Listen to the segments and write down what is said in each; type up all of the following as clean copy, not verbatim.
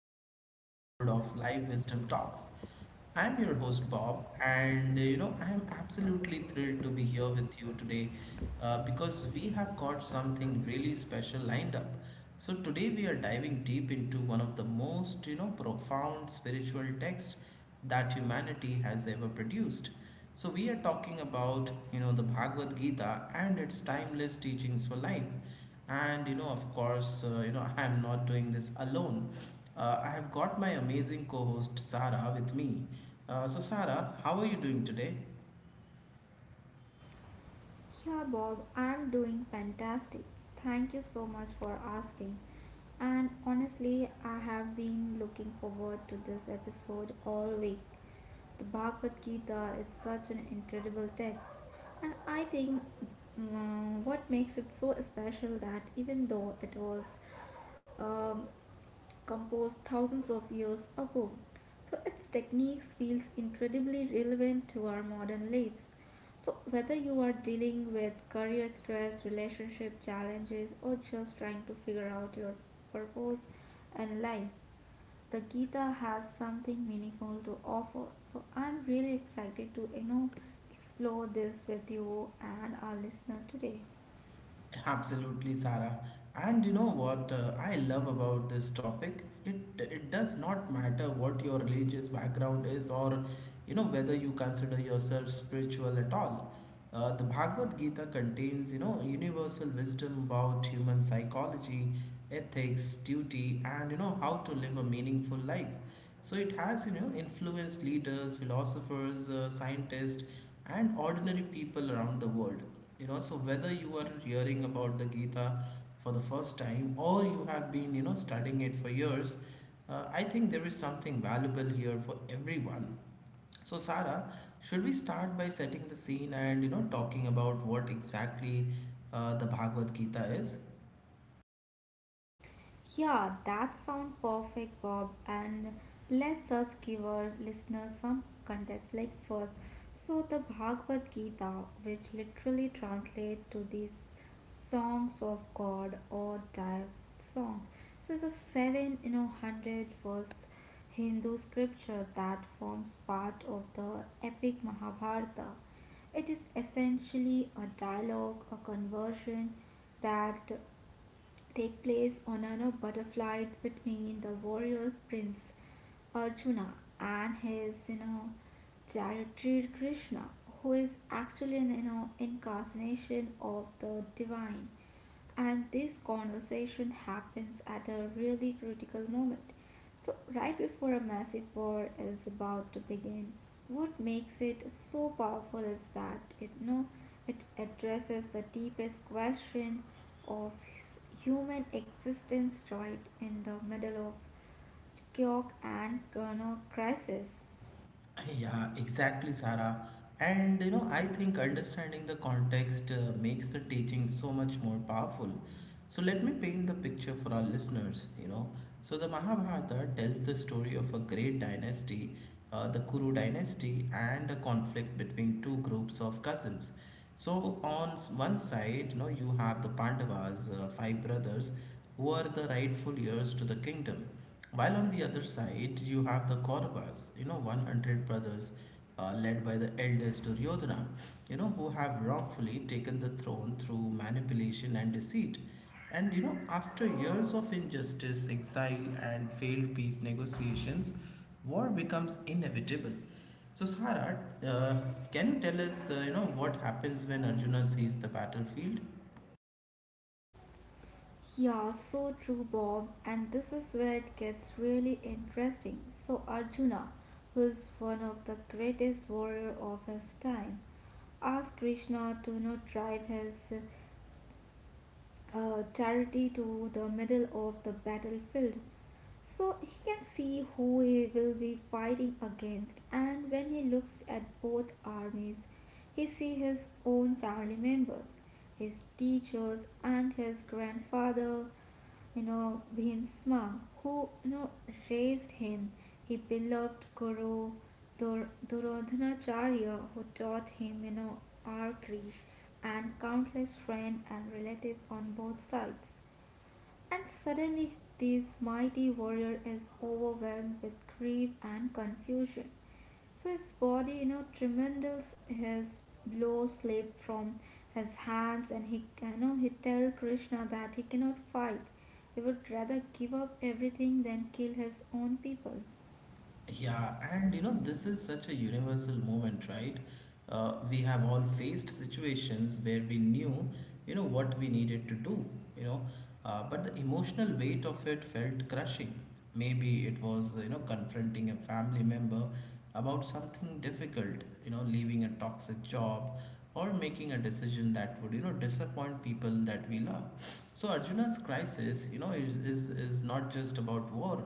to another episode of Live Wisdom Talks. I'm your host, Bob, and I'm absolutely thrilled to be here with you today because we have got something really special lined up. So, today we are diving deep into one of the most, profound spiritual texts that humanity has ever produced. So we are talking about the Bhagavad Gita and its timeless teachings for life. And of course, I am not doing this alone. I have got my amazing co-host Sarah with me. So Sarah, how are you doing today? Yeah, Bob, I'm doing fantastic. Thank you so much for asking. And honestly, I have been looking forward to this episode all week. The Bhagavad Gita is such an incredible text, and I think what makes it so special that even though it was um, composed thousands of years ago. So its techniques feels incredibly relevant to our modern lives. So, whether you are dealing with career stress, relationship challenges, or just trying to figure out your purpose and life, the Gita has something meaningful to offer. So, I'm really excited to explore this with you and our listener today. Absolutely, Sarah. And you know what I love about this topic? It does not matter what your religious background is or whether you consider yourself spiritual at all. The Bhagavad Gita contains universal wisdom about human psychology, ethics, duty, and how to live a meaningful life. So it has, influenced leaders, philosophers, scientists, and ordinary people around the world. So whether you are hearing about the Gita for the first time or you have been, studying it for years, I think there is something valuable here for everyone. So, Sara, should we start by setting the scene and talking about what exactly the Bhagavad Gita is? Yeah, that sounds perfect, Bob. And let's just give our listeners some context. Like, first, so the Bhagavad Gita, which literally translates to these songs of God or dive song, so it's a seven, hundred verse Hindu scripture that forms part of the epic Mahabharata. It is essentially a dialogue, a conversion that take place on an a flight between the warrior prince Arjuna and his charioteer Krishna, who is actually an incarnation of the divine, and this conversation happens at a really critical moment. So, right before a massive war is about to begin, what makes it so powerful is that it you know it addresses the deepest question of human existence right in the middle of chaos and crisis. Yeah, exactly, Sarah. And I think understanding the context makes the teaching so much more powerful. So let me paint the picture for our listeners. So the Mahabharata tells the story of a great dynasty, the Kuru dynasty, and a conflict between two groups of cousins. So on one side, you have the Pandavas, five brothers, who are the rightful heirs to the kingdom, while on the other side you have the Kauravas, 100 brothers, led by the eldest Duryodhana, who have wrongfully taken the throne through manipulation and deceit. And after years of injustice, exile, and failed peace negotiations, war becomes inevitable. So Sara, uh, can you tell us, what happens when Arjuna sees the battlefield? Yeah, so true, Bob. And this is where it gets really interesting. So, Arjuna, who is one of the greatest warrior of his time, asked Krishna to not drive his charity to the middle of the battlefield so he can see who he will be fighting against. And when he looks at both armies, he sees his own family members, his teachers, and his grandfather, Bhimsma, who you know raised him, he beloved guru Duryodhanacharya, who taught him, our creed, and countless friends and relatives on both sides. And suddenly, this mighty warrior is overwhelmed with grief and confusion. So his body, tremendous, his blow slipped from his hands, and he tell Krishna that he cannot fight. He would rather give up everything than kill his own people. Yeah, and this is such a universal moment, right? We have all faced situations where we knew, what we needed to do, you know, but the emotional weight of it felt crushing. Maybe it was, confronting a family member about something difficult, leaving a toxic job or making a decision that would, disappoint people that we love. So Arjuna's crisis, is not just about war.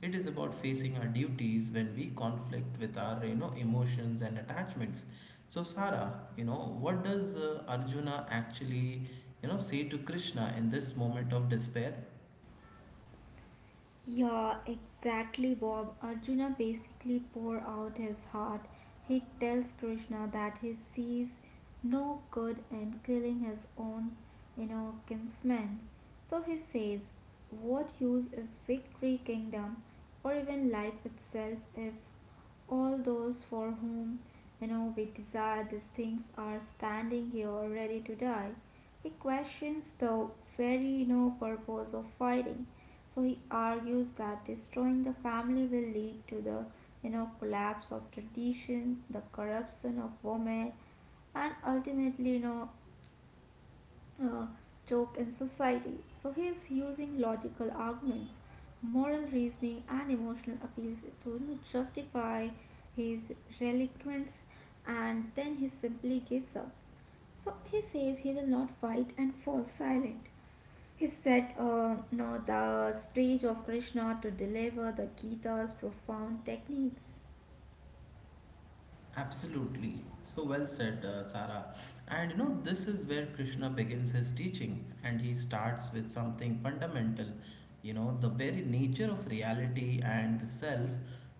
It is about facing our duties when we conflict with our, emotions and attachments. So Sara, what does Arjuna actually, say to Krishna in this moment of despair? Yeah, exactly, Bob. Arjuna basically pour out his heart. He tells Krishna that he sees no good in killing his own kinsmen. So he says, "What use is victory, kingdom, or even life itself if all those for whom we desire these things are standing here ready to die?" He questions the very no purpose of fighting. So he argues that destroying the family will lead to the collapse of tradition, the corruption of women, and ultimately uh, joke in society. So he is using logical arguments, moral reasoning, and emotional appeals to justify his reluctance, and then he simply gives up. So he says he will not fight and falls silent. He set now the stage of Krishna to deliver the Gita's profound techniques. Absolutely. So well said, Sarah. And this is where Krishna begins his teaching, and he starts with something fundamental, the very nature of reality and the self.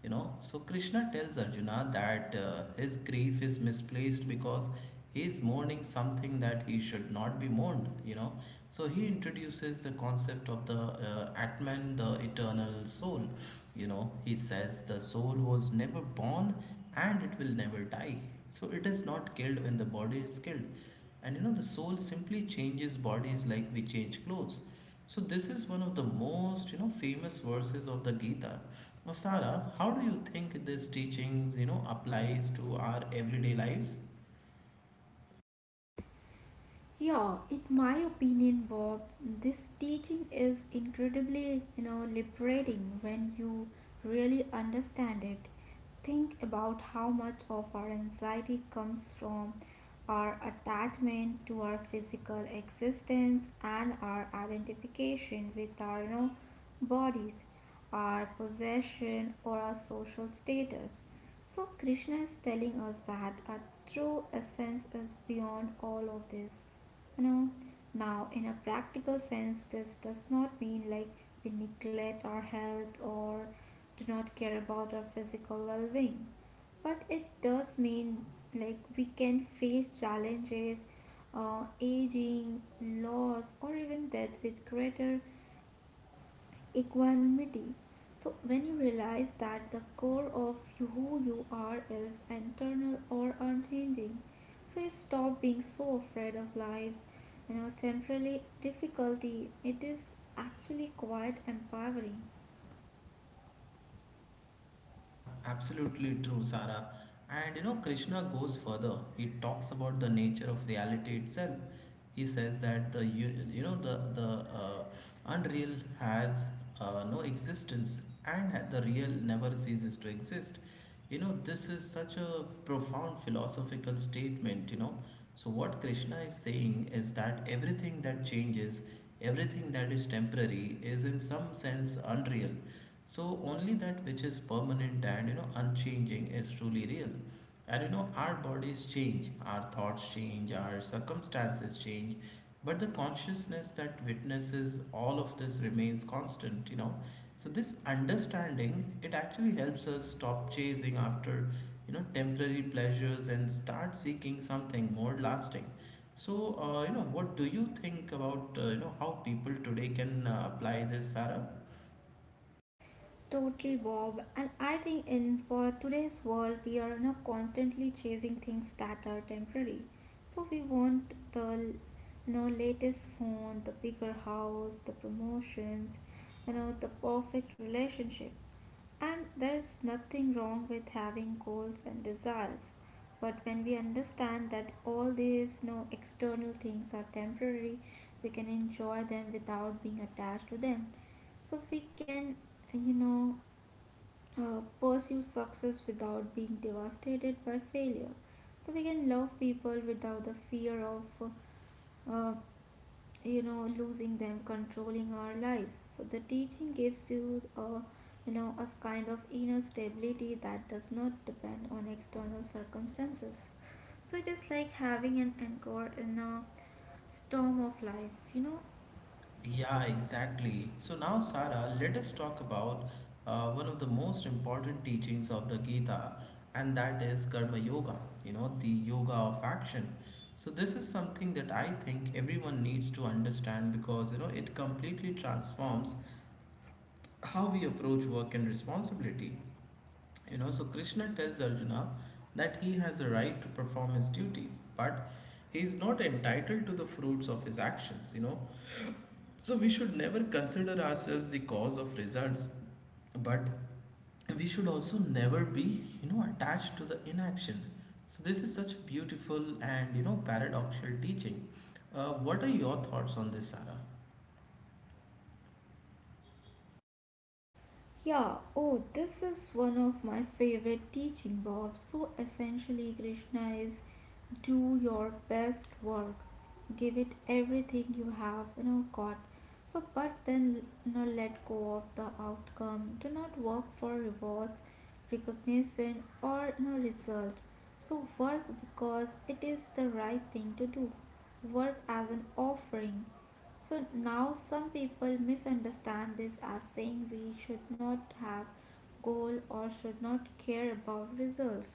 So Krishna tells Arjuna that his grief is misplaced because he is mourning something that he should not be mourned. So he introduces the concept of the Atman, the eternal soul. He says the soul was never born and it will never die. So it is not killed when the body is killed. And the soul simply changes bodies like we change clothes. So this is one of the most, famous verses of the Gita. Now, Sara, how do you think this teachings, applies to our everyday lives? Yeah, in my opinion, Bob, this teaching is incredibly liberating when you really understand it. Think about how much of our anxiety comes from our attachment to our physical existence and our identification with our bodies, our possession or our social status. So, Krishna is telling us that our true essence is beyond all of this. You know, now, in a practical sense, this does not mean like we neglect our health or do not care about our physical well being, but it does mean like we can face challenges, aging, loss, or even death with greater equanimity. So, when you realize that the core of you, who you are, is internal or unchanging, so you stop being so afraid of life, temporary difficulty. It is actually quite empowering. Absolutely true, Sarah. And Krishna goes further. He talks about the nature of reality itself. He says that the u- you know the uh, unreal has no existence, and that the real never ceases to exist. This is such a profound philosophical statement. So what Krishna is saying is that everything that changes, everything that is temporary, is in some sense unreal, so only that which is permanent and unchanging is truly real. And our bodies change, our thoughts change, our circumstances change, but the consciousness that witnesses all of this remains constant. So this understanding it actually helps us stop chasing after temporary pleasures and start seeking something more lasting. So what do you think about how people today can apply this, Sarah? Totally, Bob. And I think in for today's world, we are constantly chasing things that are temporary. So we want the latest phone, the bigger house, the promotions, the perfect relationship. And there's nothing wrong with having goals and desires. But when we understand that all these external things are temporary, we can enjoy them without being attached to them, so we can you know pursue success without being devastated by failure. So we can love people without the fear of, uh, uh, you know, losing them, controlling our lives. So the teaching gives you a kind of inner stability that does not depend on external circumstances. So it is like having an anchor in a storm of life. Yeah, exactly. So now, Sara, let us talk about one of the most important teachings of the Gita, and that is Karma Yoga, the yoga of action. So, this is something that I think everyone needs to understand because, it completely transforms how we approach work and responsibility. So Krishna tells Arjuna that he has a right to perform his duties, but he is not entitled to the fruits of his actions. So we should never consider ourselves the cause of results, but we should also never be, attached to the inaction. So this is such beautiful and paradoxical teaching. What are your thoughts on this, Sarah? Yeah, oh, this is one of my favorite teaching, Bob. So essentially, Krishna is do your best work, give it everything you have, got. So, but then, let go of the outcome. Do not work for rewards, recognition, or result. So, work because it is the right thing to do. Work as an offering. So now some people misunderstand this as saying we should not have goal or should not care about results.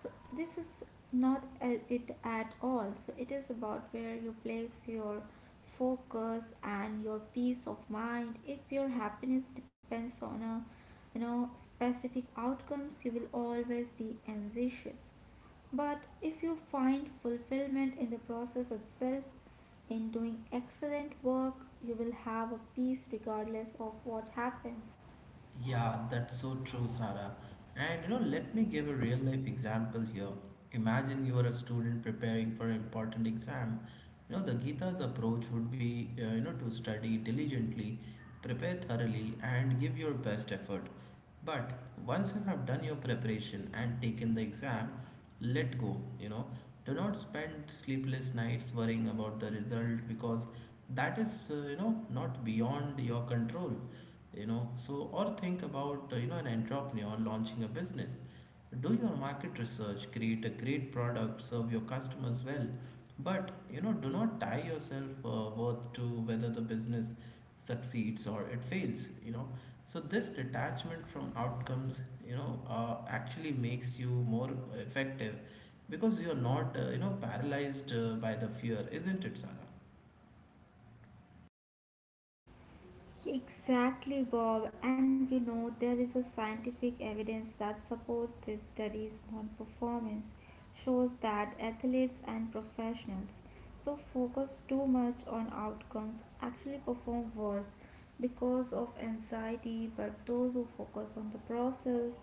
So this is not it at all. So it is about where you place your focus and your peace of mind. If your happiness depends on a specific outcomes, you will always be anxious. But if you find fulfillment in the process itself, in doing excellent work, you will have a peace regardless of what happens. Yeah, that's so true, Sarah. And let me give a real life example here. Imagine you are a student preparing for an important exam. The Gita's approach would be, to study diligently, prepare thoroughly, and give your best effort. But once you have done your preparation and taken the exam, let go. Do not spend sleepless nights worrying about the result, because that is, not beyond your control. So or think about an entrepreneur launching a business. Do your market research, create a great product, serve your customers well, but do not tie yourself worth to whether the business succeeds or it fails. So this detachment from outcomes actually makes you more effective, because you're not paralyzed by the fear, isn't it, Sarah? Exactly, Bob. And there is a scientific evidence that supports these studies on performance, shows that athletes and professionals so focus too much on outcomes actually perform worse because of anxiety, but those who focus on the process,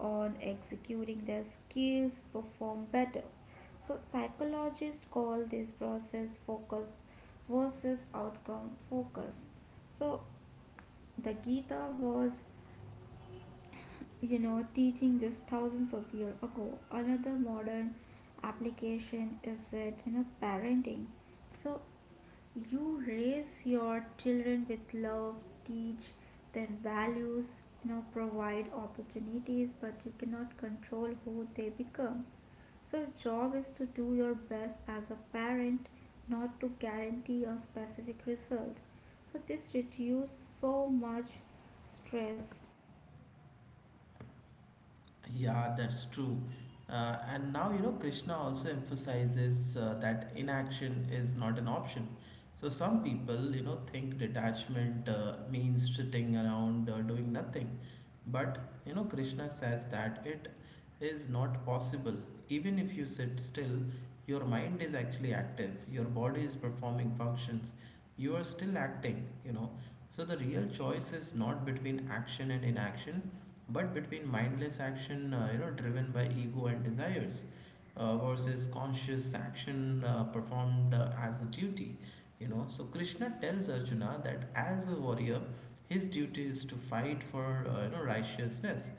on executing their skills, perform better. So psychologists call this process focus versus outcome focus. So the Gita was teaching this thousands of years ago. Another modern application is that, parenting. So you raise your children with love, teach their values, provide opportunities, but you cannot control who they become. So your job is to do your best as a parent, not to guarantee a specific result. So this reduces so much stress. Yeah, that's true. And now, you know, Krishna also emphasizes that inaction is not an option. So some people, think detachment means sitting around doing nothing. But, Krishna says that it is not possible. Even if you sit still, your mind is actually active, your body is performing functions, you are still acting. So the real choice is not between action and inaction, but between mindless action driven by ego and desires versus conscious action performed as a duty. So Krishna tells Arjuna that as a warrior his duty is to fight for righteousness.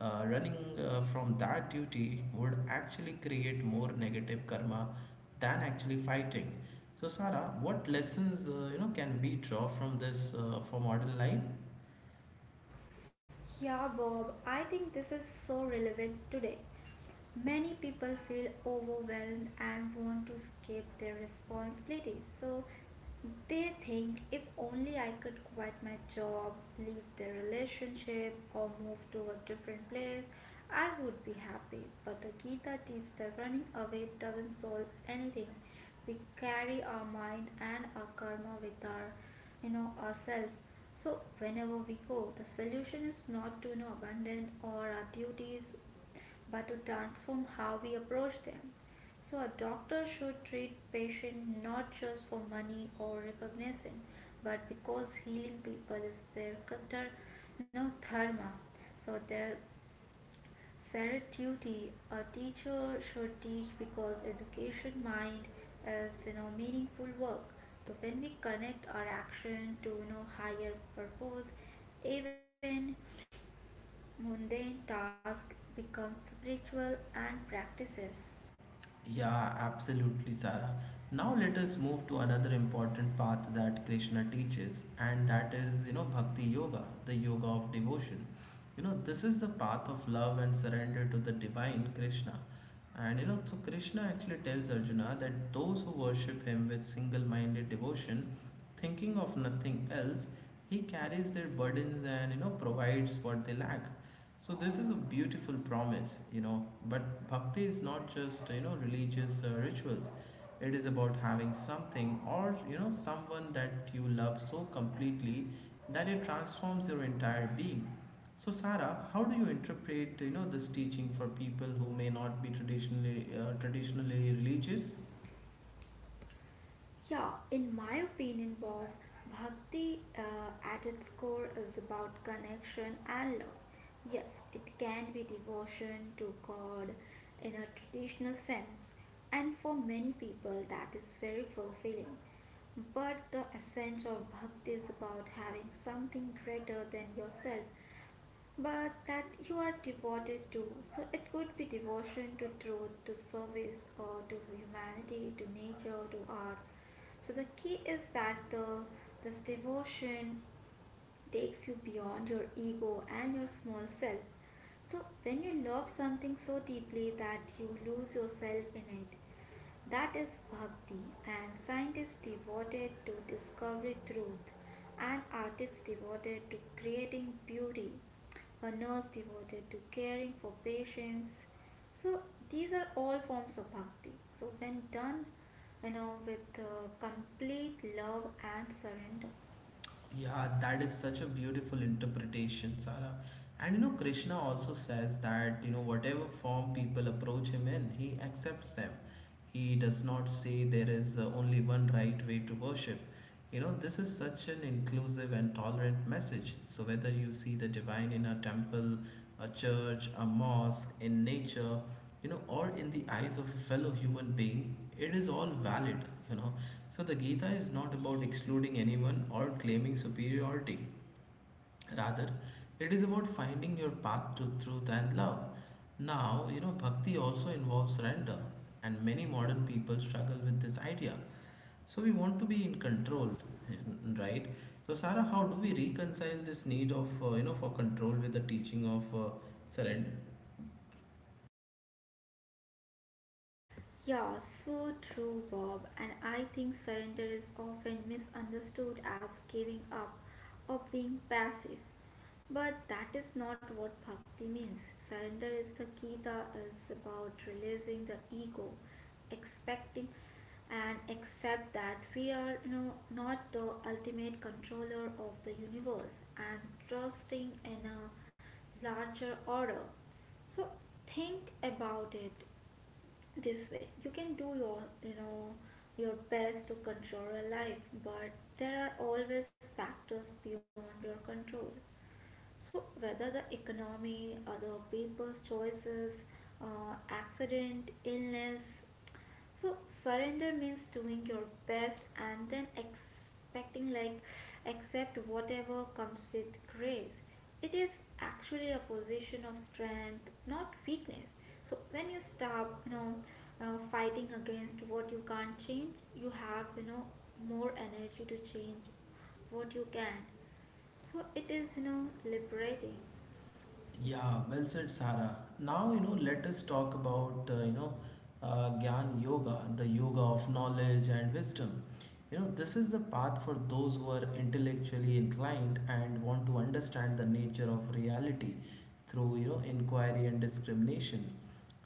Running from that duty would actually create more negative karma than actually fighting. So Sara, what lessons can we draw from this for modern life? Yeah, Bob, I think this is so relevant today. Many people feel overwhelmed and want to escape their responsibilities. So they think if only I could quit my job, leave the relationship, or move to a different place, I would be happy. But the Gita teaches that running away doesn't solve anything. We carry our mind and our karma with us ourselves. So whenever we go, the solution is not to abandon all our duties, but to transform how we approach them. So a doctor should treat patient not just for money or recognition, but because healing people is their kata, no dharma, so their said duty. A teacher should teach because education mind is meaningful work. So when we connect our action to higher purpose, even mundane task becomes spiritual and practices. Yeah, absolutely, Sarah. Now let us move to another important path that Krishna teaches, and that is, Bhakti Yoga, the yoga of devotion. This is the path of love and surrender to the divine Krishna. And so Krishna actually tells Arjuna that those who worship him with single minded devotion, thinking of nothing else, he carries their burdens and provides what they lack. So this is a beautiful promise. But bhakti is not just religious rituals. It is about having something or someone that you love so completely that it transforms your entire being. So Sarah, how do you interpret this teaching for people who may not be traditionally religious? Yeah, in my opinion, Bob, bhakti at its core is about connection and love. Yes, it can be devotion to God in a traditional sense, and for many people that is very fulfilling. But the essence of bhakti is about having something greater than yourself but that you are devoted to. So it could be devotion to truth, to service, or to humanity, to nature, to art. So the key is that the this devotion takes you beyond your ego and your small self. So when you love something so deeply that you lose yourself in it, that is bhakti, and scientists devoted to discovering truth, and artists devoted to creating beauty, a nurse devoted to caring for patients. So these are all forms of bhakti. So when done, with complete love and surrender. Yeah, that is such a beautiful interpretation, Sara. And Krishna also says that, whatever form people approach him in, he accepts them. He does not say there is only one right way to worship. This is such an inclusive and tolerant message. So, whether you see the divine in a temple, a church, a mosque, in nature, or in the eyes of a fellow human being, it is all valid, you know. So the Gita is not about excluding anyone or claiming superiority. Rather, it is about finding your path to truth and love. Now, bhakti also involves surrender, and many modern people struggle with this idea. So we want to be in control, right? So Sarah, how do we reconcile this need of for control with the teaching of surrender? Yeah, so true, Bob. And I think surrender is often misunderstood as giving up or being passive. But that is not what bhakti means. Surrender is the Gita is about releasing the ego, expecting and accept that we are not the ultimate controller of the universe and trusting in a larger order. So think about it this way, you can do your best to control your life, but there are always factors beyond your control. So whether the economy, other people's choices, accident, illness, so surrender means doing your best and then expecting like accept whatever comes with grace. It is actually a position of strength, not weakness. So when you stop, fighting against what you can't change, you have more energy to change what you can. So it is liberating. Yeah, well said, Sara. Now, let us talk about, Gyan Yoga, the yoga of knowledge and wisdom. This is the path for those who are intellectually inclined and want to understand the nature of reality through, inquiry and discrimination.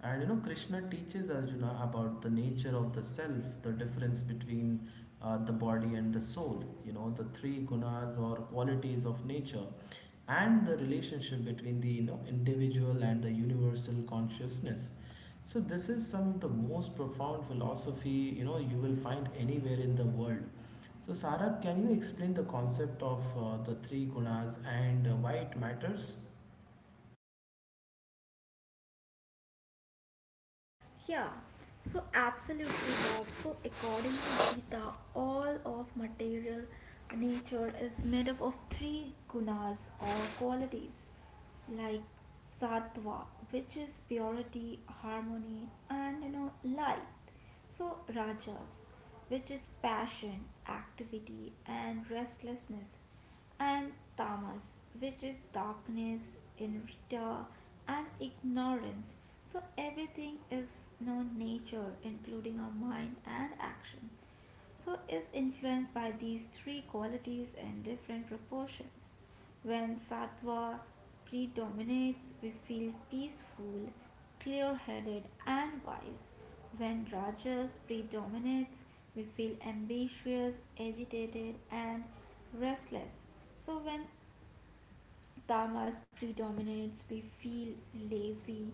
Krishna teaches Arjuna about the nature of the self, the difference between the body and the soul, the three gunas or qualities of nature, and the relationship between the individual and the universal consciousness. So this is some of the most profound philosophy you will find anywhere in the world. So Sarab, can you explain the concept of the three gunas and why it matters? Yeah, so absolutely, Bob. So, according to Gita, all of material nature is made up of three gunas or qualities like sattva, which is purity, harmony, and light. So, rajas, which is passion, activity, and restlessness, and tamas, which is darkness, enrita, and ignorance. So everything is known nature, including our mind and action. So is influenced by these three qualities in different proportions. When sattva predominates, we feel peaceful, clear headed, and wise. When rajas predominates, we feel ambitious, agitated, and restless. So, when tamas predominates, we feel lazy,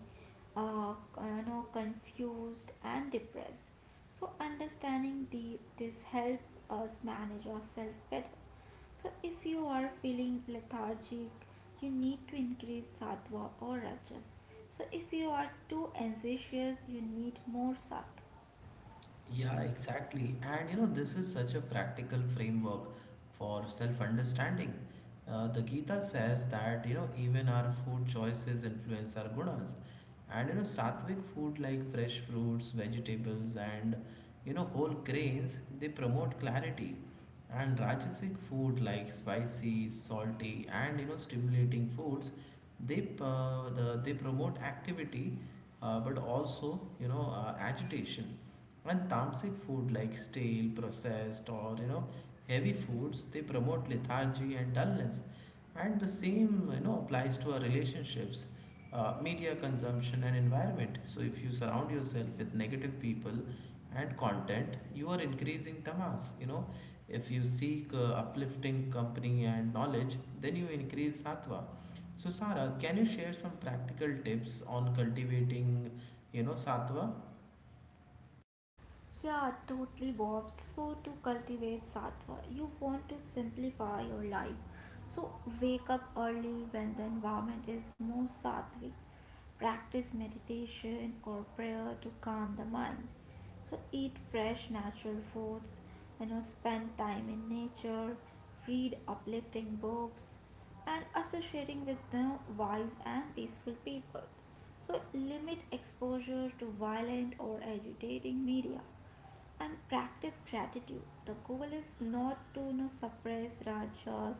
uh, confused, and depressed. So, understanding this helps us manage ourselves better. So, if you are feeling lethargic, you need to increase sattva or rajas. So, if you are too anxious, you need more sattva. Yeah, exactly. And this is such a practical framework for self-understanding. The Gita says that even our food choices influence our gunas, and sattvic food like fresh fruits, vegetables, and whole grains, they promote clarity, and Rajasic food like spicy, salty, and stimulating foods, they promote activity, but also agitation. And tamasic food like stale, processed, or heavy foods, they promote lethargy and dullness. And the same applies to our relationships, media consumption and environment. So if you surround yourself with negative people and content, you are increasing tamas. If you seek uplifting company and knowledge, then you increase sattva. So Sarah, can you share some practical tips on cultivating, sattva? Yeah, totally Bob. So to cultivate sattva, you want to simplify your life. So wake up early when the environment is more sattvic. Practice meditation or prayer to calm the mind. So eat fresh natural foods, you know, spend time in nature, read uplifting books, and associating with the wise and peaceful people. So limit exposure to violent or agitating media and practice gratitude. The goal is not to, you know, suppress rajas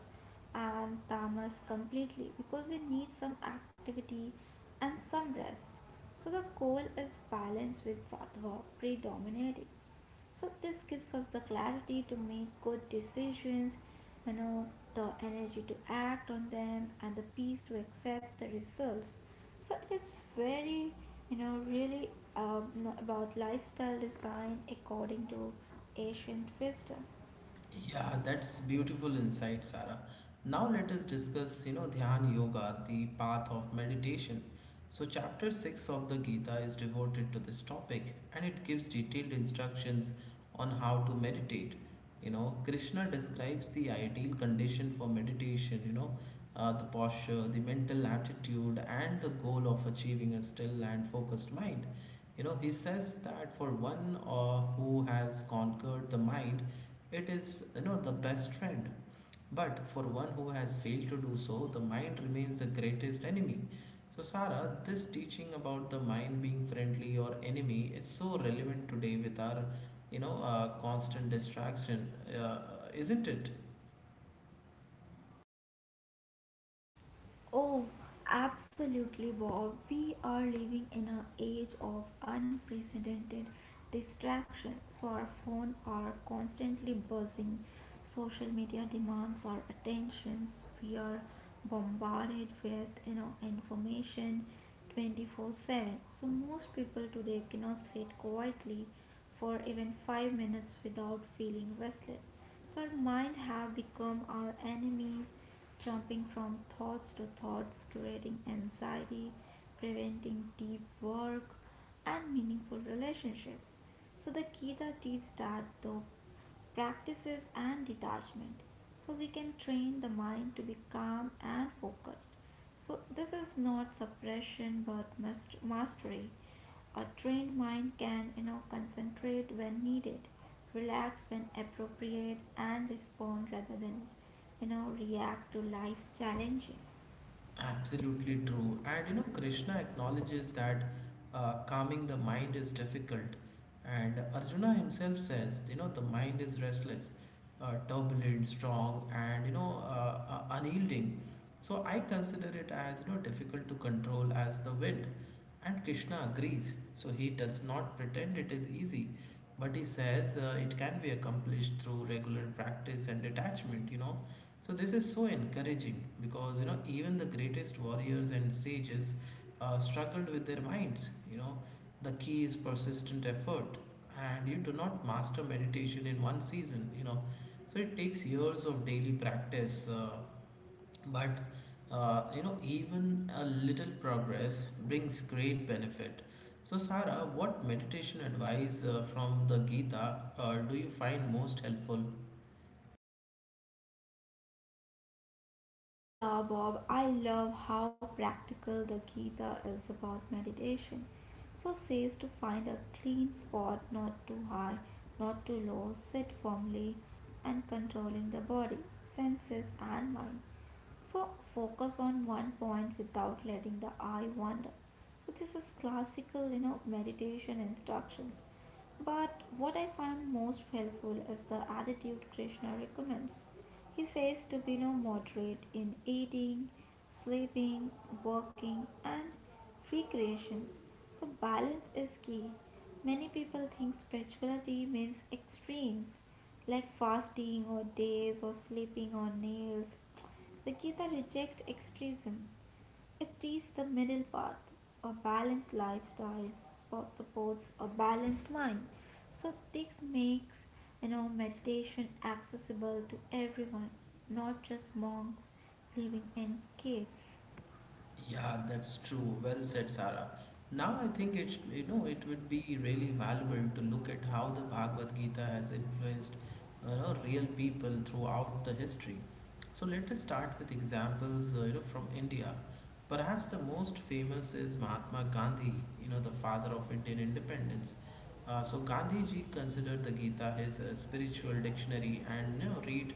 and tamas completely because we need some activity and some rest. So the goal is balance with sattva predominating, so this gives us the clarity to make good decisions, you know the energy to act on them, and the peace to accept the results. So it is very, you know really um, about lifestyle design according to ancient wisdom. Yeah, that's beautiful insight, Sarah. Now let us discuss, Dhyan Yoga, the path of meditation. So chapter 6 of the Gita is devoted to this topic, and it gives detailed instructions on how to meditate. Krishna describes the ideal condition for meditation, the posture, the mental attitude and the goal of achieving a still and focused mind. He says that for one who has conquered the mind, it is, the best friend. But for one who has failed to do so, the mind remains the greatest enemy. So, Sarah, this teaching about the mind being friendly or enemy is so relevant today with our, constant distraction, uh, isn't it? Oh, absolutely, Bob. We are living in an age of unprecedented distraction, so our phones are constantly buzzing. Social media demands our attentions. We are bombarded with, you know, information 24/7. So most people today cannot sit quietly for even 5 minutes without feeling restless. So our mind have become our enemies, jumping from thoughts to thoughts, creating anxiety, preventing deep work and meaningful relationships. So the Gita teaches that the practices and detachment. So we can train the mind to be calm and focused. So this is not suppression but mastery. A trained mind can you know, concentrate when needed, relax when appropriate, and respond rather than you know, react to life's challenges. Absolutely true. And Krishna acknowledges that calming the mind is difficult. And Arjuna himself says, the mind is restless, turbulent, strong, and unyielding. So I consider it as difficult to control as the wind. And Krishna agrees. So he does not pretend it is easy. But he says it can be accomplished through regular practice and detachment. So this is so encouraging because, even the greatest warriors and sages struggled with their minds. The key is persistent effort, and you do not master meditation in one season. So it takes years of daily practice. But even a little progress brings great benefit. So, Sara, what meditation advice from the Gita do you find most helpful? Yeah, Bob, I love how practical the Gita is about meditation. So says to find a clean spot, not too high, not too low, sit firmly and controlling the body, senses and mind. So focus on one point without letting the eye wander. So this is classical you know, meditation instructions. But what I find most helpful is the attitude Krishna recommends. He says to be no moderate in eating, sleeping, working, and recreations. So, balance is key. Many people think spirituality means extremes like fasting or days or sleeping on nails. The Gita rejects extremism. It teaches the middle path. A balanced lifestyle supports a balanced mind. So this makes you know meditation accessible to everyone, not just monks living in caves. Yeah, that's true. Well said, Sara. Now I think it you know it would be really valuable to look at how the Bhagavad Gita has influenced real people throughout the history. So let us start with examples, from India. Perhaps the most famous is Mahatma Gandhi, the father of Indian independence. So Gandhi ji considered the Gita his spiritual dictionary, and you know, read.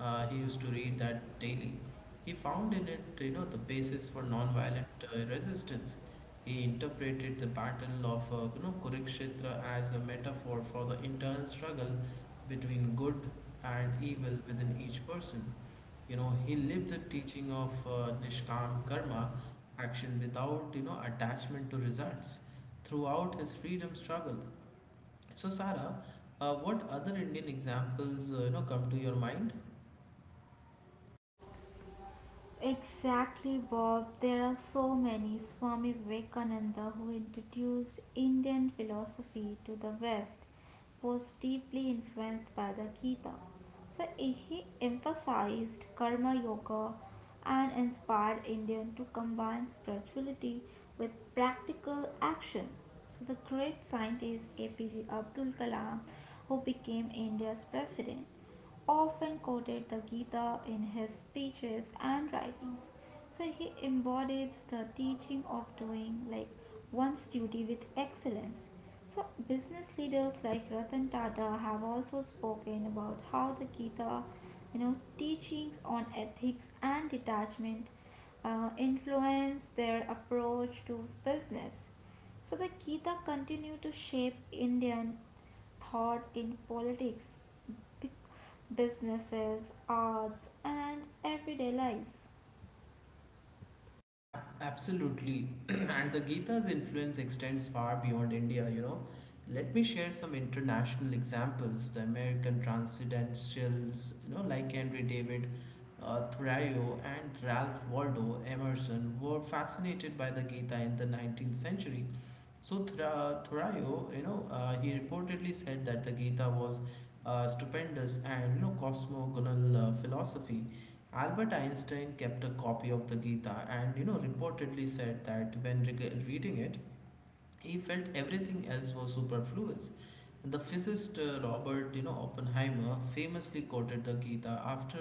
He used to read that daily. He found in it, the basis for non-violent resistance. He interpreted the battle of, Kurukshetra as a metaphor for the internal struggle between good and evil within each person. He lived the teaching of nishkam karma, action without attachment to results throughout his freedom struggle. So Sarah, what other Indian examples come to your mind? Exactly, Bob. There are so many. Swami Vivekananda, who introduced Indian philosophy to the West, was deeply influenced by the Gita. So he emphasized karma yoga and inspired Indian to combine spirituality with practical action. So the great scientist APJ Abdul Kalam, who became India's president, often quoted the Gita in his speeches and writings. So he embodies the teaching of doing like one's duty with excellence. So business leaders like Ratan Tata have also spoken about how the Gita, you know, teachings on ethics and detachment influence their approach to business. So the Gita continue to shape Indian thought in politics, businesses, arts, and everyday life. Absolutely. And the Gita's influence extends far beyond India, Let me share some international examples. The American transcendentalists, like Henry David Thoreau and Ralph Waldo Emerson, were fascinated by the Gita in the 19th century. So Thoreau, he reportedly said that the Gita was stupendous and cosmogonal philosophy. Albert Einstein kept a copy of the Gita and reportedly said that when reading it, he felt everything else was superfluous. The physicist Robert Oppenheimer famously quoted the Gita after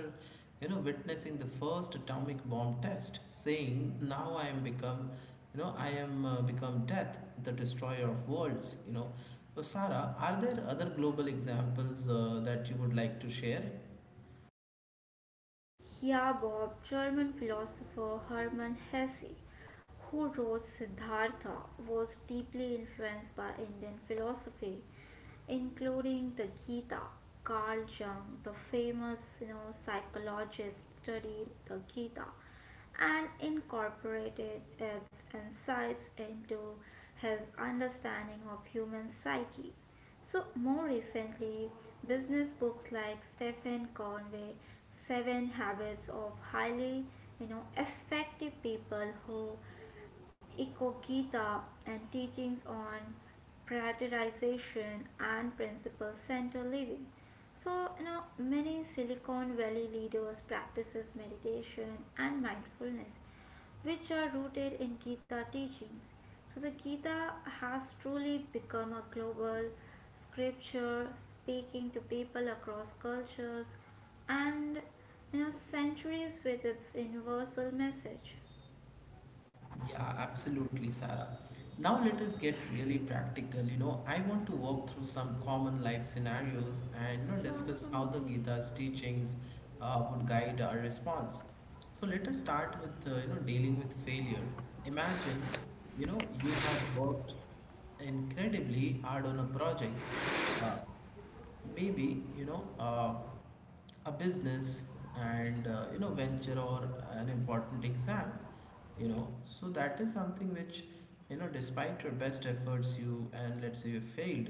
witnessing the first atomic bomb test, saying, now I am become, I am become death, the destroyer of worlds. So Sarah, are there other global examples that you would like to share? Yeah, Bob, German philosopher Hermann Hesse, who wrote Siddhartha, was deeply influenced by Indian philosophy, including the Gita. Carl Jung, the famous you know, psychologist, studied the Gita and incorporated its insights into his understanding of human psyche. So, more recently, business books like Stephen Conway, Seven Habits of Highly you know, Effective People Who Iko Gita and teachings on prioritization and principle center living. So, you know, many Silicon Valley leaders practices meditation and mindfulness which are rooted in Gita teachings. So the Gita has truly become a global scripture speaking to people across cultures and you know centuries with its universal message. Yeah, absolutely, Sarah. Now let us get really practical. I want to walk through some common life scenarios and So, all of discuss how them, the yeah. Gita's teachings would guide our response. So let us start with dealing with failure. Imagine, you have worked incredibly hard on a project, uh, maybe you know a business and venture or an important exam, so that is something which, despite your best efforts, you— and let's say you failed,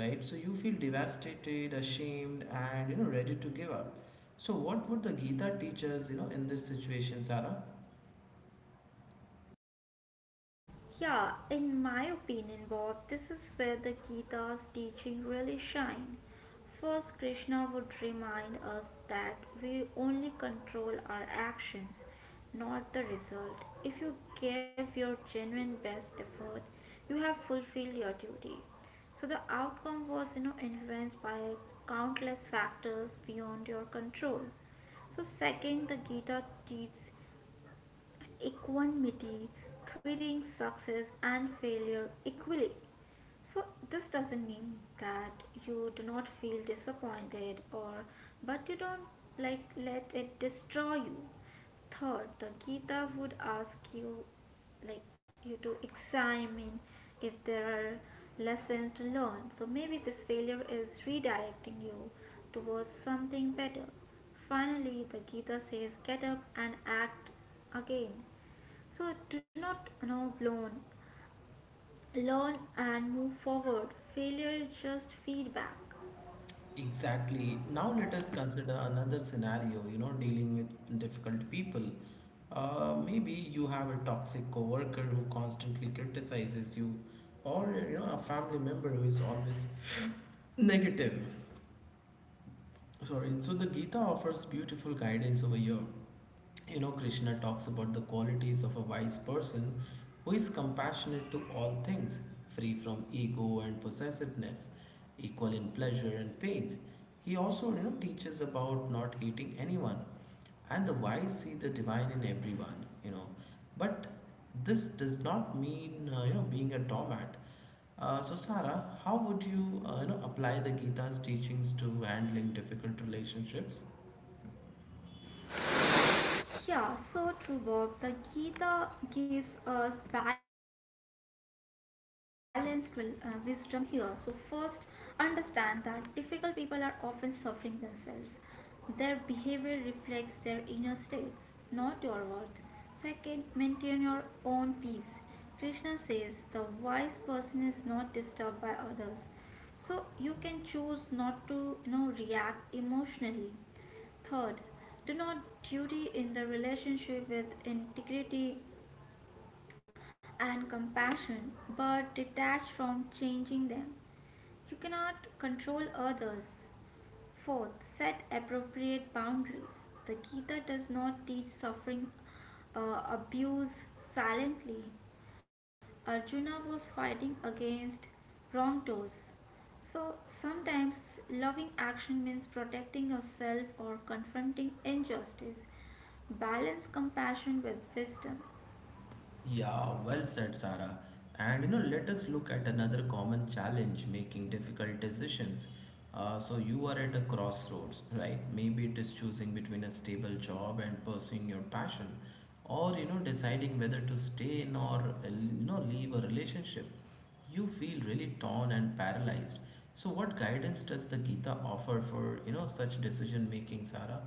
right? So you feel devastated, ashamed, and ready to give up. So what would the Gita teach us, in this situation, Sarah? Yeah, in my opinion, Bob, this is where the Gita's teaching really shine. First, Krishna would remind us that we only control our actions, not the result. If you give your genuine best effort, you have fulfilled your duty. So the outcome was you know, influenced by countless factors beyond your control. So second, the Gita teaches equanimity, treating success and failure equally. So, this doesn't mean that you do not feel disappointed or but you don't like let it destroy you. Third, the Gita would ask you like you to examine if there are lessons to learn. So maybe this failure is redirecting you towards something better. Finally, the Gita says, get up and act again. So do not, you know, blown. Learn and move forward. Failure is just feedback. Exactly. Now let us consider another scenario, dealing with difficult people. Maybe you have a toxic coworker who constantly criticizes you, or a family member who is always negative. Sorry. So the Gita offers beautiful guidance over here. Krishna talks about the qualities of a wise person who is compassionate to all things, free from ego and possessiveness, equal in pleasure and pain. He also, teaches about not hating anyone, and the wise see the divine in everyone. But this does not mean, being a doormat. So, Sarah, how would you, apply the Gita's teachings to handling difficult relationships? Yeah, so true, Bob. The Gita gives us balanced wisdom here. So, first, understand that difficult people are often suffering themselves. Their behavior reflects their inner states, not your worth. Second, maintain your own peace. Krishna says the wise person is not disturbed by others. So, you can choose not to you know, react emotionally. Third, do not duty in the relationship with integrity and compassion, but detach from changing them. You cannot control others. Fourth, set appropriate boundaries. The Gita does not teach suffering abuse silently. Arjuna was fighting against wrongdoers. So sometimes loving action means protecting yourself or confronting injustice. Balance compassion with wisdom. Yeah, well said, Sarah. And let us look at another common challenge: making difficult decisions. So, you are at a crossroads, right? Maybe it is choosing between a stable job and pursuing your passion, or deciding whether to stay in or leave a relationship. You feel really torn and paralyzed. So, what guidance does the Gita offer for such decision making, Sarah?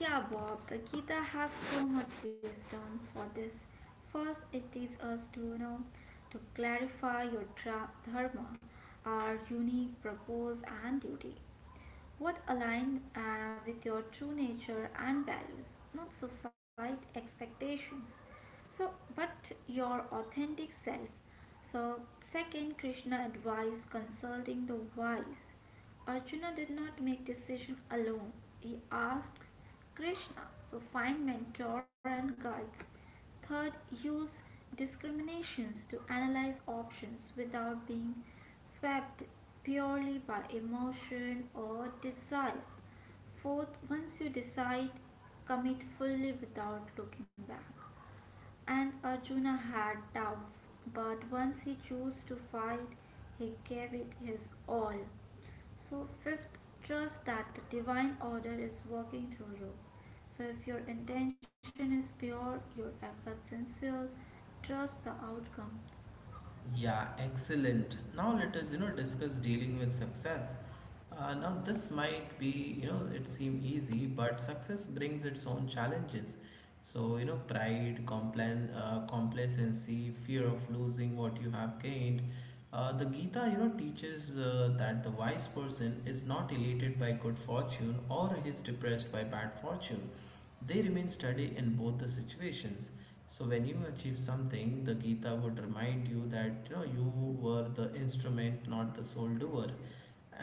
Yeah, Bob, the Gita has so much wisdom for this. First, it teaches us to you know to clarify your dharma, our unique purpose and duty, what align with your true nature and values, not society expectations. So, but your authentic self. So, second, Krishna advised consulting the wise. Arjuna did not make decision alone. He asked Krishna. So, find mentor and guides. Third, use discriminations to analyze options without being swept purely by emotion or desire. Fourth, once you decide, commit fully without looking back. And Arjuna had doubts, but once he chose to fight, he gave it his all. So, fifth, trust that the divine order is working through you. So, if your intention is pure, your effort sincere, trust the outcome. Yeah, excellent. Now let us, discuss dealing with success. Now this might be, it seem easy, but success brings its own challenges. So, pride, complan complacency, fear of losing what you have gained. The Gita, teaches that the wise person is not elated by good fortune or is depressed by bad fortune. They remain steady in both the situations. So when you achieve something, the Gita would remind you that you were the instrument, not the sole doer.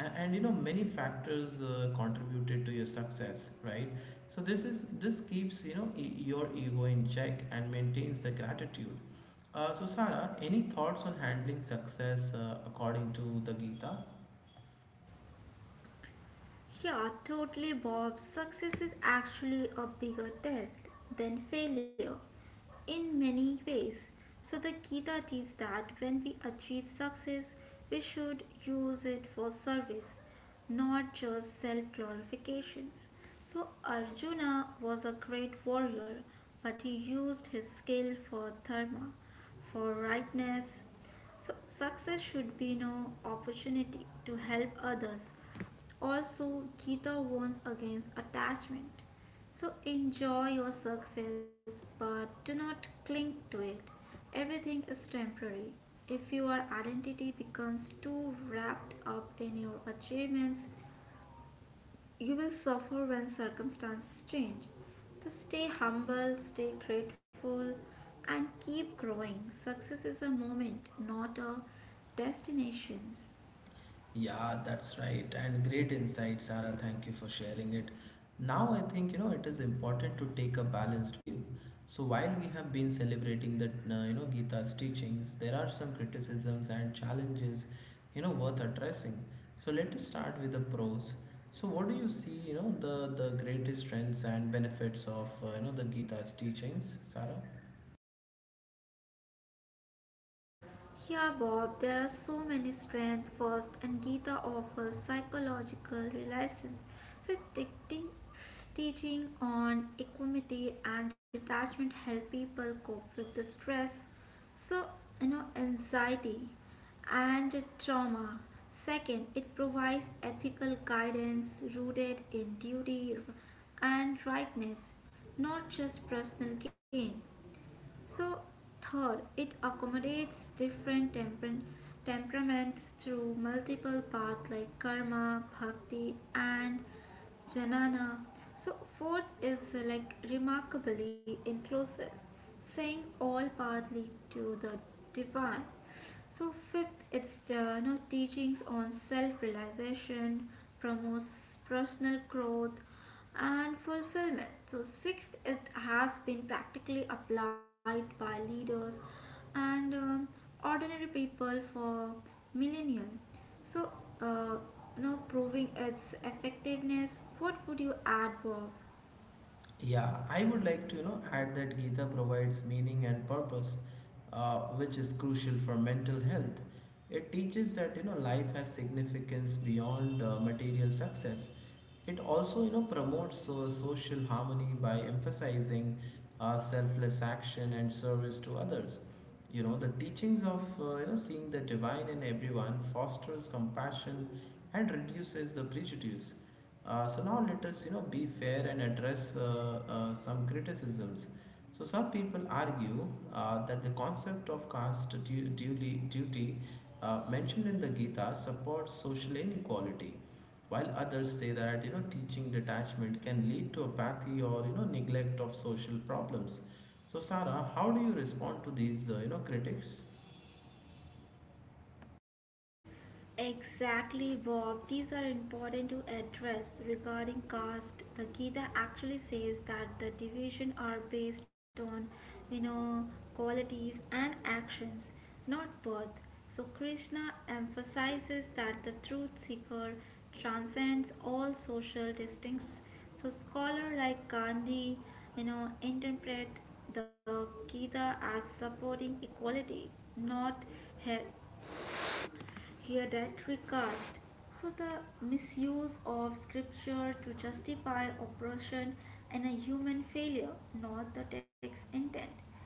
And many factors contributed to your success, right? So this is— this keeps your ego in check and maintains the gratitude. So Sarah, any thoughts on handling success according to the Gita? Yeah, totally, Bob. Success is actually a bigger test than failure in many ways. So, the Gita teaches that when we achieve success, we should use it for service, not just self glorifications. So, Arjuna was a great warrior, but he used his skill for dharma, for rightness, so success should be no opportunity to help others. Also, Gita warns against attachment. So enjoy your success, but do not cling to it. Everything is temporary. If your identity becomes too wrapped up in your achievements, you will suffer when circumstances change. So stay humble, stay grateful, and keep growing. Success is a moment, not a destination. Yeah, that's right. And great insight, Sarah. Thank you for sharing it. Now, I think it is important to take a balanced view. So, while we have been celebrating that, Gita's teachings, there are some criticisms and challenges worth addressing. So, let us start with the pros. So, what do you see? You know the Greatest strengths and benefits of the Gita's teachings, Sarah? Yeah, Bob, there are so many strengths. First, and Gita offers psychological relations, so teaching on equanimity and detachment help people cope with the stress, So, you know, anxiety, and trauma. Second, it provides ethical guidance rooted in duty and rightness, not just personal gain. So, third, it accommodates different temperaments through multiple paths like karma, bhakti, and jnana. So, fourth is like remarkably inclusive, saying all paths lead to the divine. So fifth, it's the you know, teachings on self-realization, promotes personal growth and fulfillment. So sixth, it has been practically applied by leaders and ordinary people for millennia, So, uh, you know, proving its effectiveness. What would you add, Bob? Yeah, I would like to, add that Gita provides meaning and purpose, which is crucial for mental health. It teaches that, life has significance beyond material success. It also, promotes social harmony by emphasizing selfless action and service to others. The teachings of seeing the divine in everyone fosters compassion and reduces the prejudice. So now let us be fair and address some criticisms. So some people argue that the concept of caste duly duty mentioned in the Gita supports social inequality. While others say that teaching detachment can lead to apathy or neglect of social problems. So Sarah, how do you respond to these critics? Exactly, Bob. These are important to address regarding caste. The Gita actually says that the division are based on you know, qualities and actions, not birth. So Krishna emphasizes that the truth seeker transcends all social distincts. So scholar like Gandhi you know, interpret the Gita as supporting equality, not her here that recast. So the misuse of scripture to justify oppression and a human failure, not the text intent.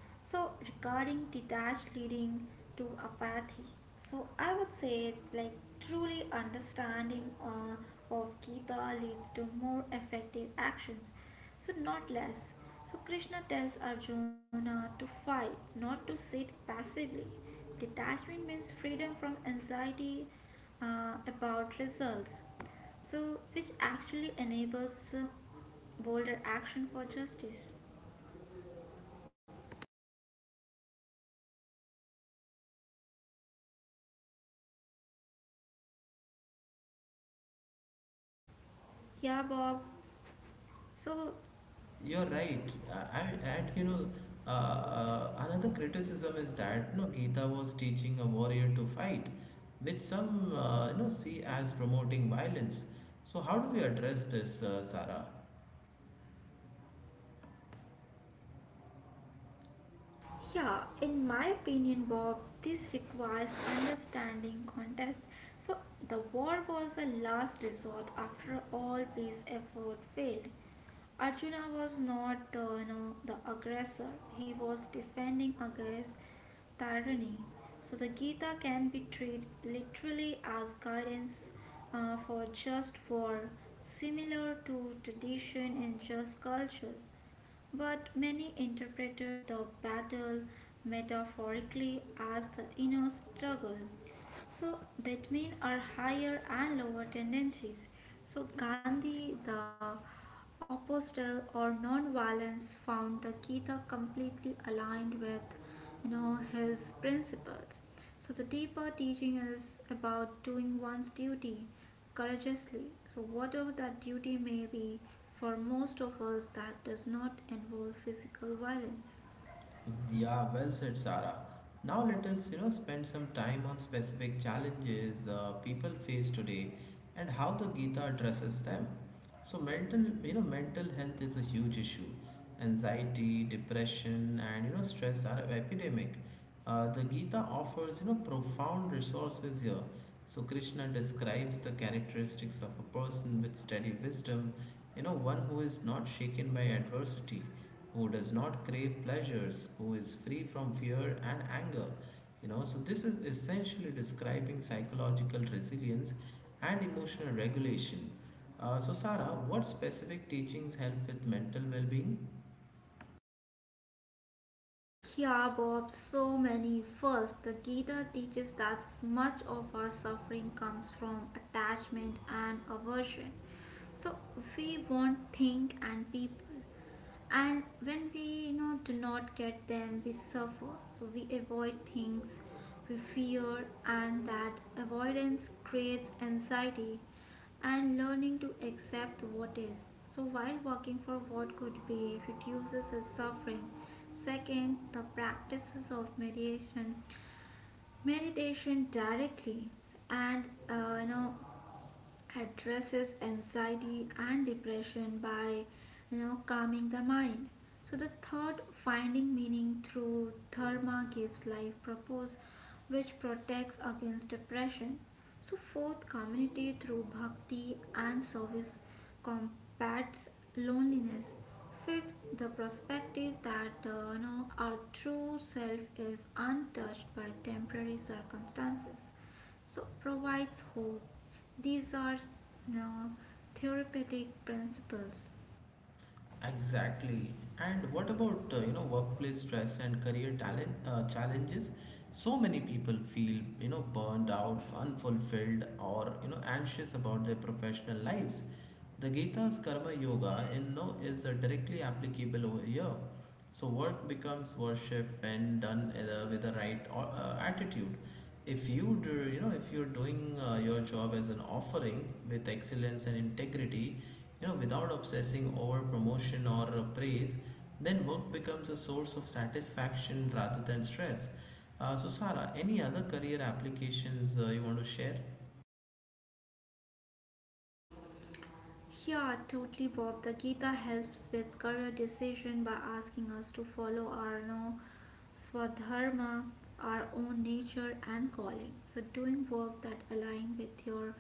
So regarding detached leading to apathy. So I would say like truly understanding of Gita leads to more effective actions, so not less. So Krishna tells Arjuna to fight, not to sit passively. Detachment means freedom from anxiety about results, so which actually enables bolder action for justice. Yeah, Bob. So You're right, and another criticism is that Gita was teaching a warrior to fight, which some see as promoting violence. So how do we address this, Sarah? yeah, in my opinion, Bob, this requires understanding context. So, the war was a last resort after all peace effort failed. Arjuna was not the you know, the aggressor, he was defending against tyranny. So, the Gita can be treated literally as guidance for just war, similar to tradition in just cultures. But many interpreted the battle metaphorically as the inner struggle, so between are higher and lower tendencies. So Gandhi, the apostle or non-violence, found the Gita completely aligned with you know, his principles. So the deeper teaching is about doing one's duty courageously. So whatever that duty may be, for most of us that does not involve physical violence. Yeah, well said, Sarah. Now let us, spend some time on specific challenges people face today and how the Gita addresses them. So mental health is a huge issue. Anxiety, depression, and stress are epidemic. The Gita offers profound resources here. So Krishna describes the characteristics of a person with steady wisdom, one who is not shaken by adversity, who does not crave pleasures, who is free from fear and anger. So this is essentially describing psychological resilience and emotional regulation. So Sarah, what specific teachings help with mental well-being? Yeah, Bob, so many. First, the Gita teaches that much of our suffering comes from attachment and aversion. So we want things and people, and when we do not get them, we suffer. So we avoid things we fear, and that avoidance creates anxiety and learning to accept what is. So, while working for what could be reduces his suffering. Second, the practices of meditation, meditation directly, and addresses anxiety and depression by calming the mind. So the third, finding meaning through dharma, gives life purpose, which protects against depression. So fourth, community through bhakti and service combats loneliness. Fifth, the perspective that our true self is untouched by temporary circumstances so provides hope. These are, you know, therapeutic principles. Exactly. And what about workplace stress and career talent challenges? So many people feel burned out, unfulfilled, or anxious about their professional lives. The Gita's Karma Yoga in no is directly applicable over here. So work becomes worship when done with the right attitude. If you do, you know if you're doing your job as an offering with excellence and integrity, without obsessing over promotion or praise, then work becomes a source of satisfaction rather than stress. So Sarah, any other career applications you want to share? Yeah, totally, Bob. The Gita helps with career decision by asking us to follow our no swadharma, our own nature and calling. So doing work that align with your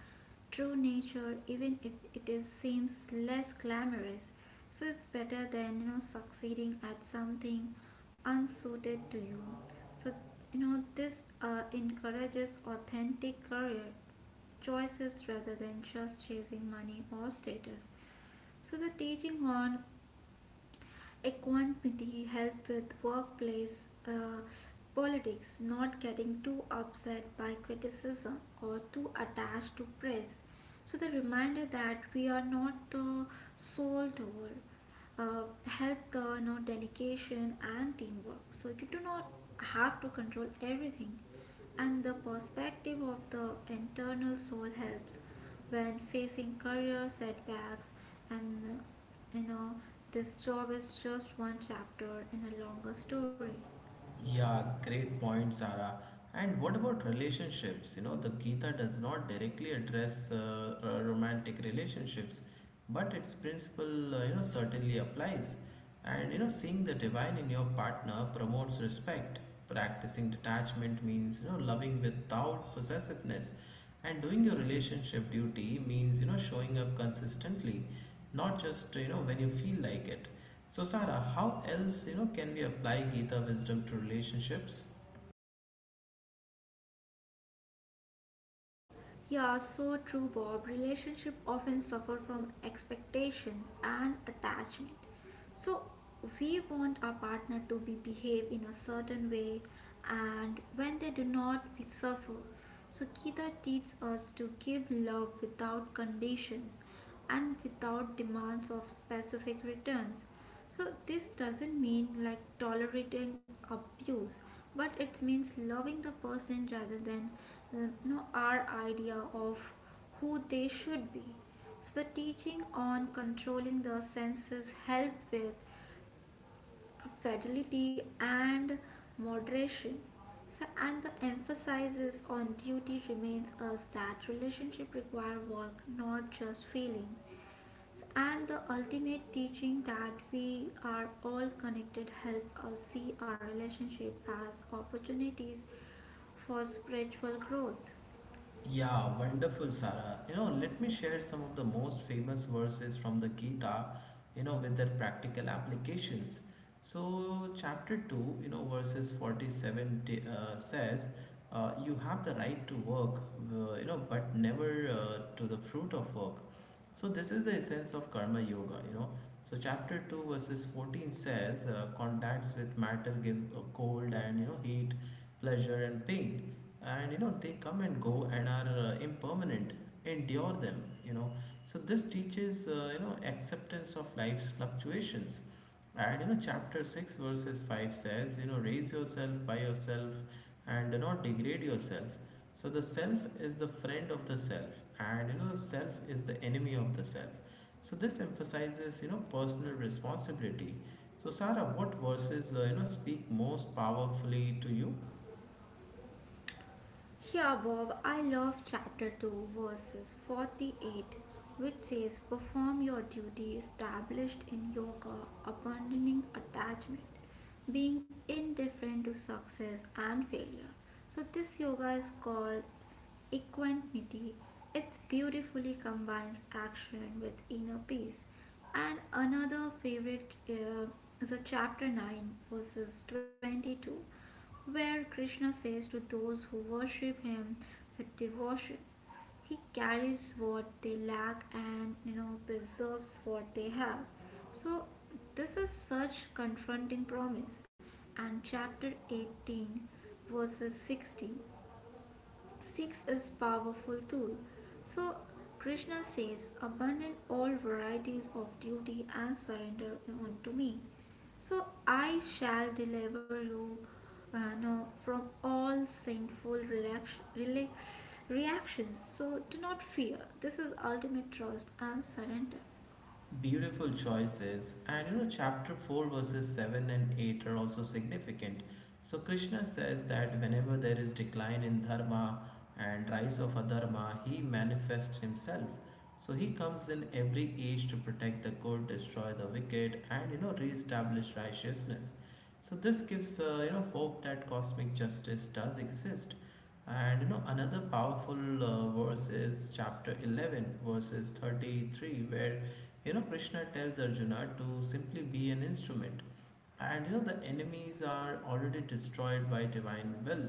true nature, even if it is seems less glamorous. So it's better than succeeding at something unsuited to you. So this encourages authentic career choices rather than just chasing money or status. So the teaching on equanimity help with workplace uh, politics, not getting too upset by criticism or too attached to praise. So the reminder that we are not the sole doer, uh, help the dedication and teamwork, so you do not have to control everything. And the perspective of the internal soul helps when facing career setbacks, and you know this job is just one chapter in a longer story. Yeah, great point, Sarah. And what about relationships? The Gita does not directly address romantic relationships, but its principle certainly applies. And you know Seeing the divine in your partner promotes respect, practicing detachment means loving without possessiveness, and doing your relationship duty means showing up consistently, not just when you feel like it. So Sarah, how else can we apply Gita wisdom to relationships? Yeah, so true, Bob. Relationship often suffer from expectations and attachment. So we want our partner to be behave in a certain way, and when they do not, we suffer. So Gita teaches us to give love without conditions and without demands of specific returns. So this doesn't mean like tolerating abuse, but it means loving the person rather than, our idea of who they should be. So the teaching on controlling the senses help with fidelity and moderation. So and the emphasis on duty remains us that relationship require work, not just feeling. And the ultimate teaching that we are all connected help us see our relationship as opportunities for spiritual growth. Yeah, wonderful, Sarah. Let me share some of the most famous verses from the Gita, with their practical applications. So, chapter 2, verses 47 says, you have the right to work, but never to the fruit of work. So, this is the essence of karma yoga. So, chapter 2, verses 14 says, contacts with matter give cold and, heat, pleasure, and pain, and they come and go and are impermanent. Endure them. So this teaches acceptance of life's fluctuations. And chapter 6, verses 5 says, raise yourself by yourself and do not degrade yourself. So the self is the friend of the self, and the self is the enemy of the self. So this emphasizes personal responsibility. So Sarah, what verses speak most powerfully to you? Here, Bob, I love chapter 2, verses 48, which says, "Perform your duty established in yoga, abandoning attachment, being indifferent to success and failure." So, this yoga is called equanimity. It beautifully combines action with inner peace. And another favorite is a chapter 9, verses 22, where Krishna says to those who worship him with devotion, he carries what they lack and preserves what they have. So this is such confronting promise. And chapter 18, verses 66 is powerful tool. So Krishna says, "Abandon all varieties of duty and surrender unto me. So I shall deliver you no, from all sinful reactions. So do not fear." This is ultimate trust and surrender. Beautiful choices. And chapter 4, verses 7 and 8 are also significant. So, Krishna says that whenever there is decline in dharma and rise of adharma, he manifests himself. So, he comes in every age to protect the good, destroy the wicked, and re establish righteousness. So, this gives hope that cosmic justice does exist. And another powerful verse is chapter 11, verses 33, where Krishna tells Arjuna to simply be an instrument. And the enemies are already destroyed by divine will.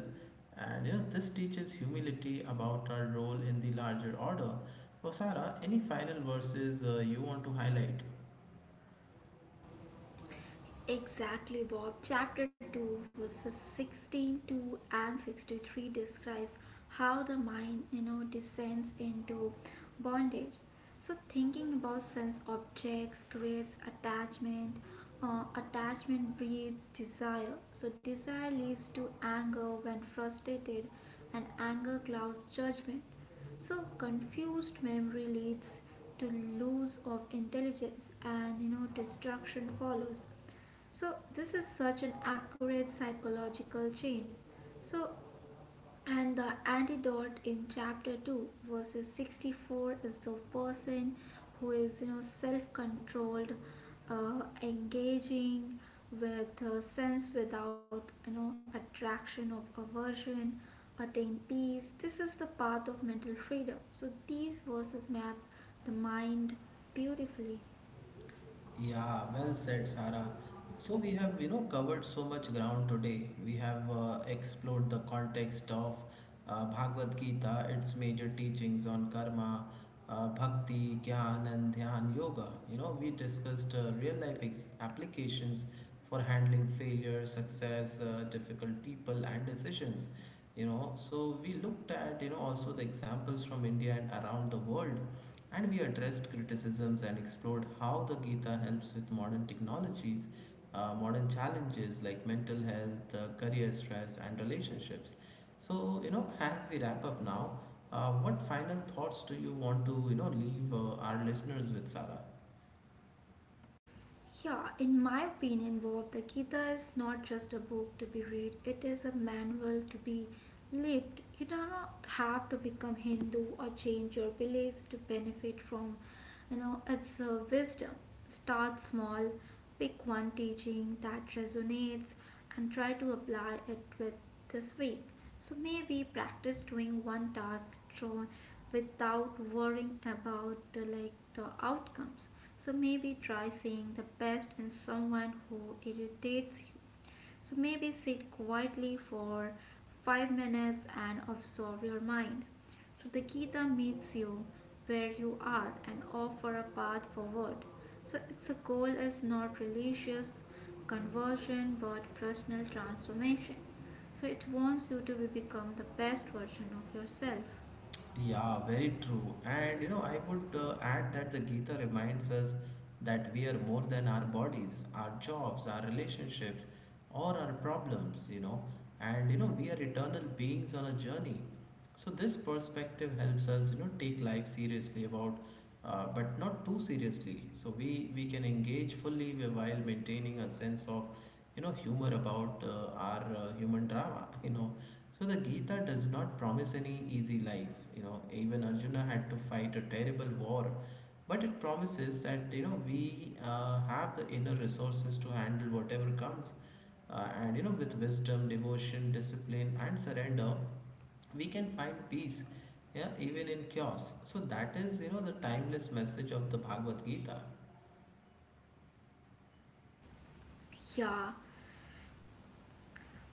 And this teaches humility about our role in the larger order. Osara, any final verses you want to highlight? Exactly, Bob. Chapter 2, verses 62 and 63 describes how the mind, descends into bondage. So, thinking about sense objects creates attachment. Attachment breeds desire. So, desire leads to anger when frustrated, and anger clouds judgment. So, confused memory leads to loss of intelligence, and destruction follows. So, this is such an accurate psychological chain. So, and the antidote in chapter 2, verses 64, is the person who is, self controlled, engaging with sense without, attraction of aversion, attain peace. This is the path of mental freedom. So, these verses map the mind beautifully. Yeah, well said, Sarah. So we have, covered so much ground today. We have explored the context of Bhagavad Gita, its major teachings on karma, bhakti, gyan, and dhyan yoga. We discussed real life applications for handling failure, success, difficult people, and decisions. So we looked at, also the examples from India and around the world, and we addressed criticisms and explored how the Gita helps with modern technologies, modern challenges like mental health, career stress, and relationships. So, as we wrap up now, what final thoughts do you want to, leave our listeners with, Sara? Yeah, in my opinion, Bob, the Gita is not just a book to be read, it is a manual to be lived. You do not have to become Hindu or change your beliefs to benefit from its wisdom. Start small, pick one teaching that resonates and try to apply it with this week. So maybe practice doing one task drawn without worrying about the like the outcomes. So maybe try seeing the best in someone who irritates you. So maybe sit quietly for 5 minutes and absorb your mind. So the Gita meets you where you are and offer a path forward. So its goal is not religious conversion but personal transformation. So it wants you to become the best version of yourself. Yeah, very true. And I would add that the Gita reminds us that we are more than our bodies, our jobs, our relationships, or our problems. And we are eternal beings on a journey. So this perspective helps us, take life seriously about, but not too seriously. So we can engage fully while maintaining a sense of, humor about our human drama. So the Gita does not promise any easy life. Even Arjuna had to fight a terrible war, but it promises that we have the inner resources to handle whatever comes, and with wisdom, devotion, discipline, and surrender, we can find peace. Yeah, even in chaos. So that is the timeless message of the Bhagavad Gita. Yeah.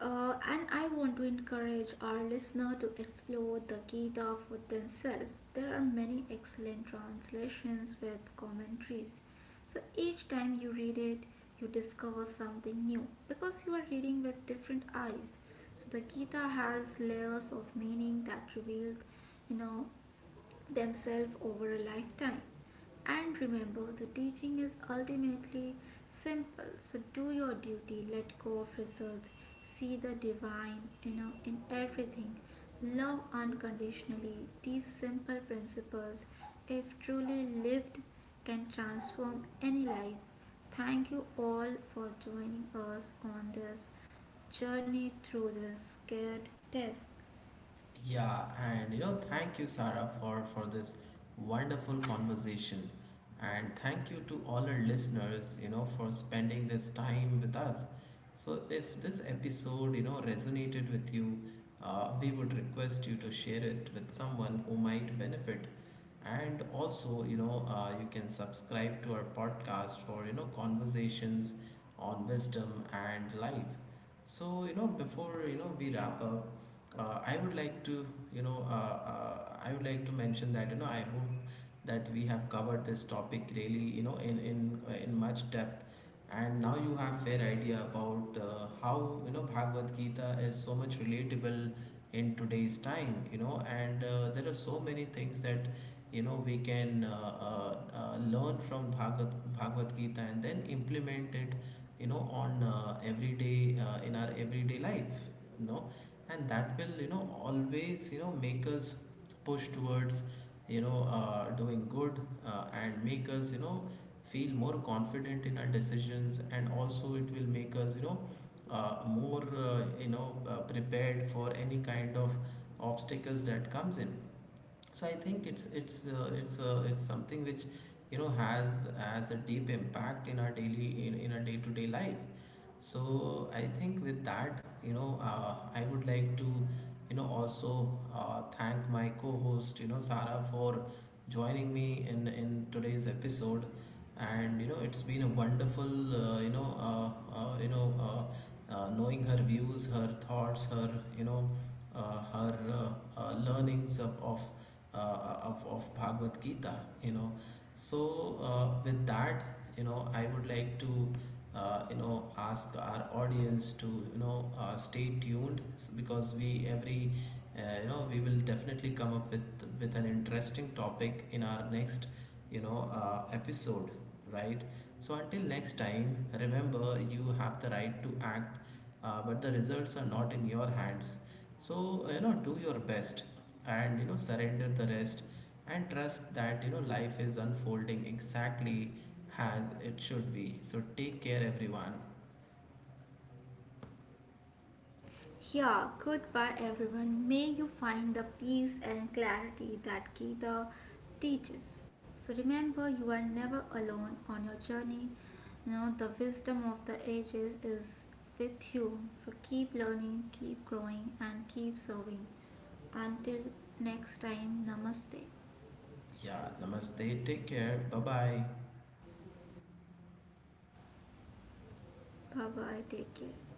And I want to encourage our listener to explore the Gita for themselves. There are many excellent translations with commentaries. So each time you read it, you discover something new because you are reading with different eyes. So the Gita has layers of meaning that reveal, you know, themselves over a lifetime. And remember, the teaching is ultimately simple. So do your duty, let go of results, see the divine, in everything. Love unconditionally. These simple principles, if truly lived, can transform any life. Thank you all for joining us on this journey through this scared test. Yeah, and thank you, Sarah, for this wonderful conversation, and thank you to all our listeners, for spending this time with us. So, if this episode, resonated with you, we would request you to share it with someone who might benefit, and also you can subscribe to our podcast for conversations on wisdom and life. So before we wrap up, I would like to I would like to mention that I hope that we have covered this topic really, in much depth. And now you have fair idea about how Bhagavad Gita is so much relatable in today's time. And there are so many things that we can learn from Bhagavad Gita and then implement it on everyday in our everyday life you know and that will always make us push towards doing good, and make us feel more confident in our decisions, and also it will make us more prepared for any kind of obstacles that comes in. So I think it's something which has a deep impact in our daily in our day-to-day life. So I think with that, I would like to, also thank my co-host, Sarah for joining me in today's episode, and it's been a wonderful, you know, knowing her views, her thoughts, you know, her learnings uh, of Bhagavad Gita, you know. So, with that, I would like to, ask our audience to, stay tuned because we every, we will definitely come up with an interesting topic in our next, episode, right? So until next time, remember you have the right to act, but the results are not in your hands. So do your best, and surrender the rest, and trust that life is unfolding exactly as it should be. So take care, everyone. Yeah, goodbye everyone. May you find the peace and clarity that Gita teaches. So remember, you are never alone on your journey. You know, the wisdom of the ages is with you. So keep learning, keep growing, and keep serving. Until next time, namaste. Yeah, namaste. Take care. Bye bye. Bye bye. Take care.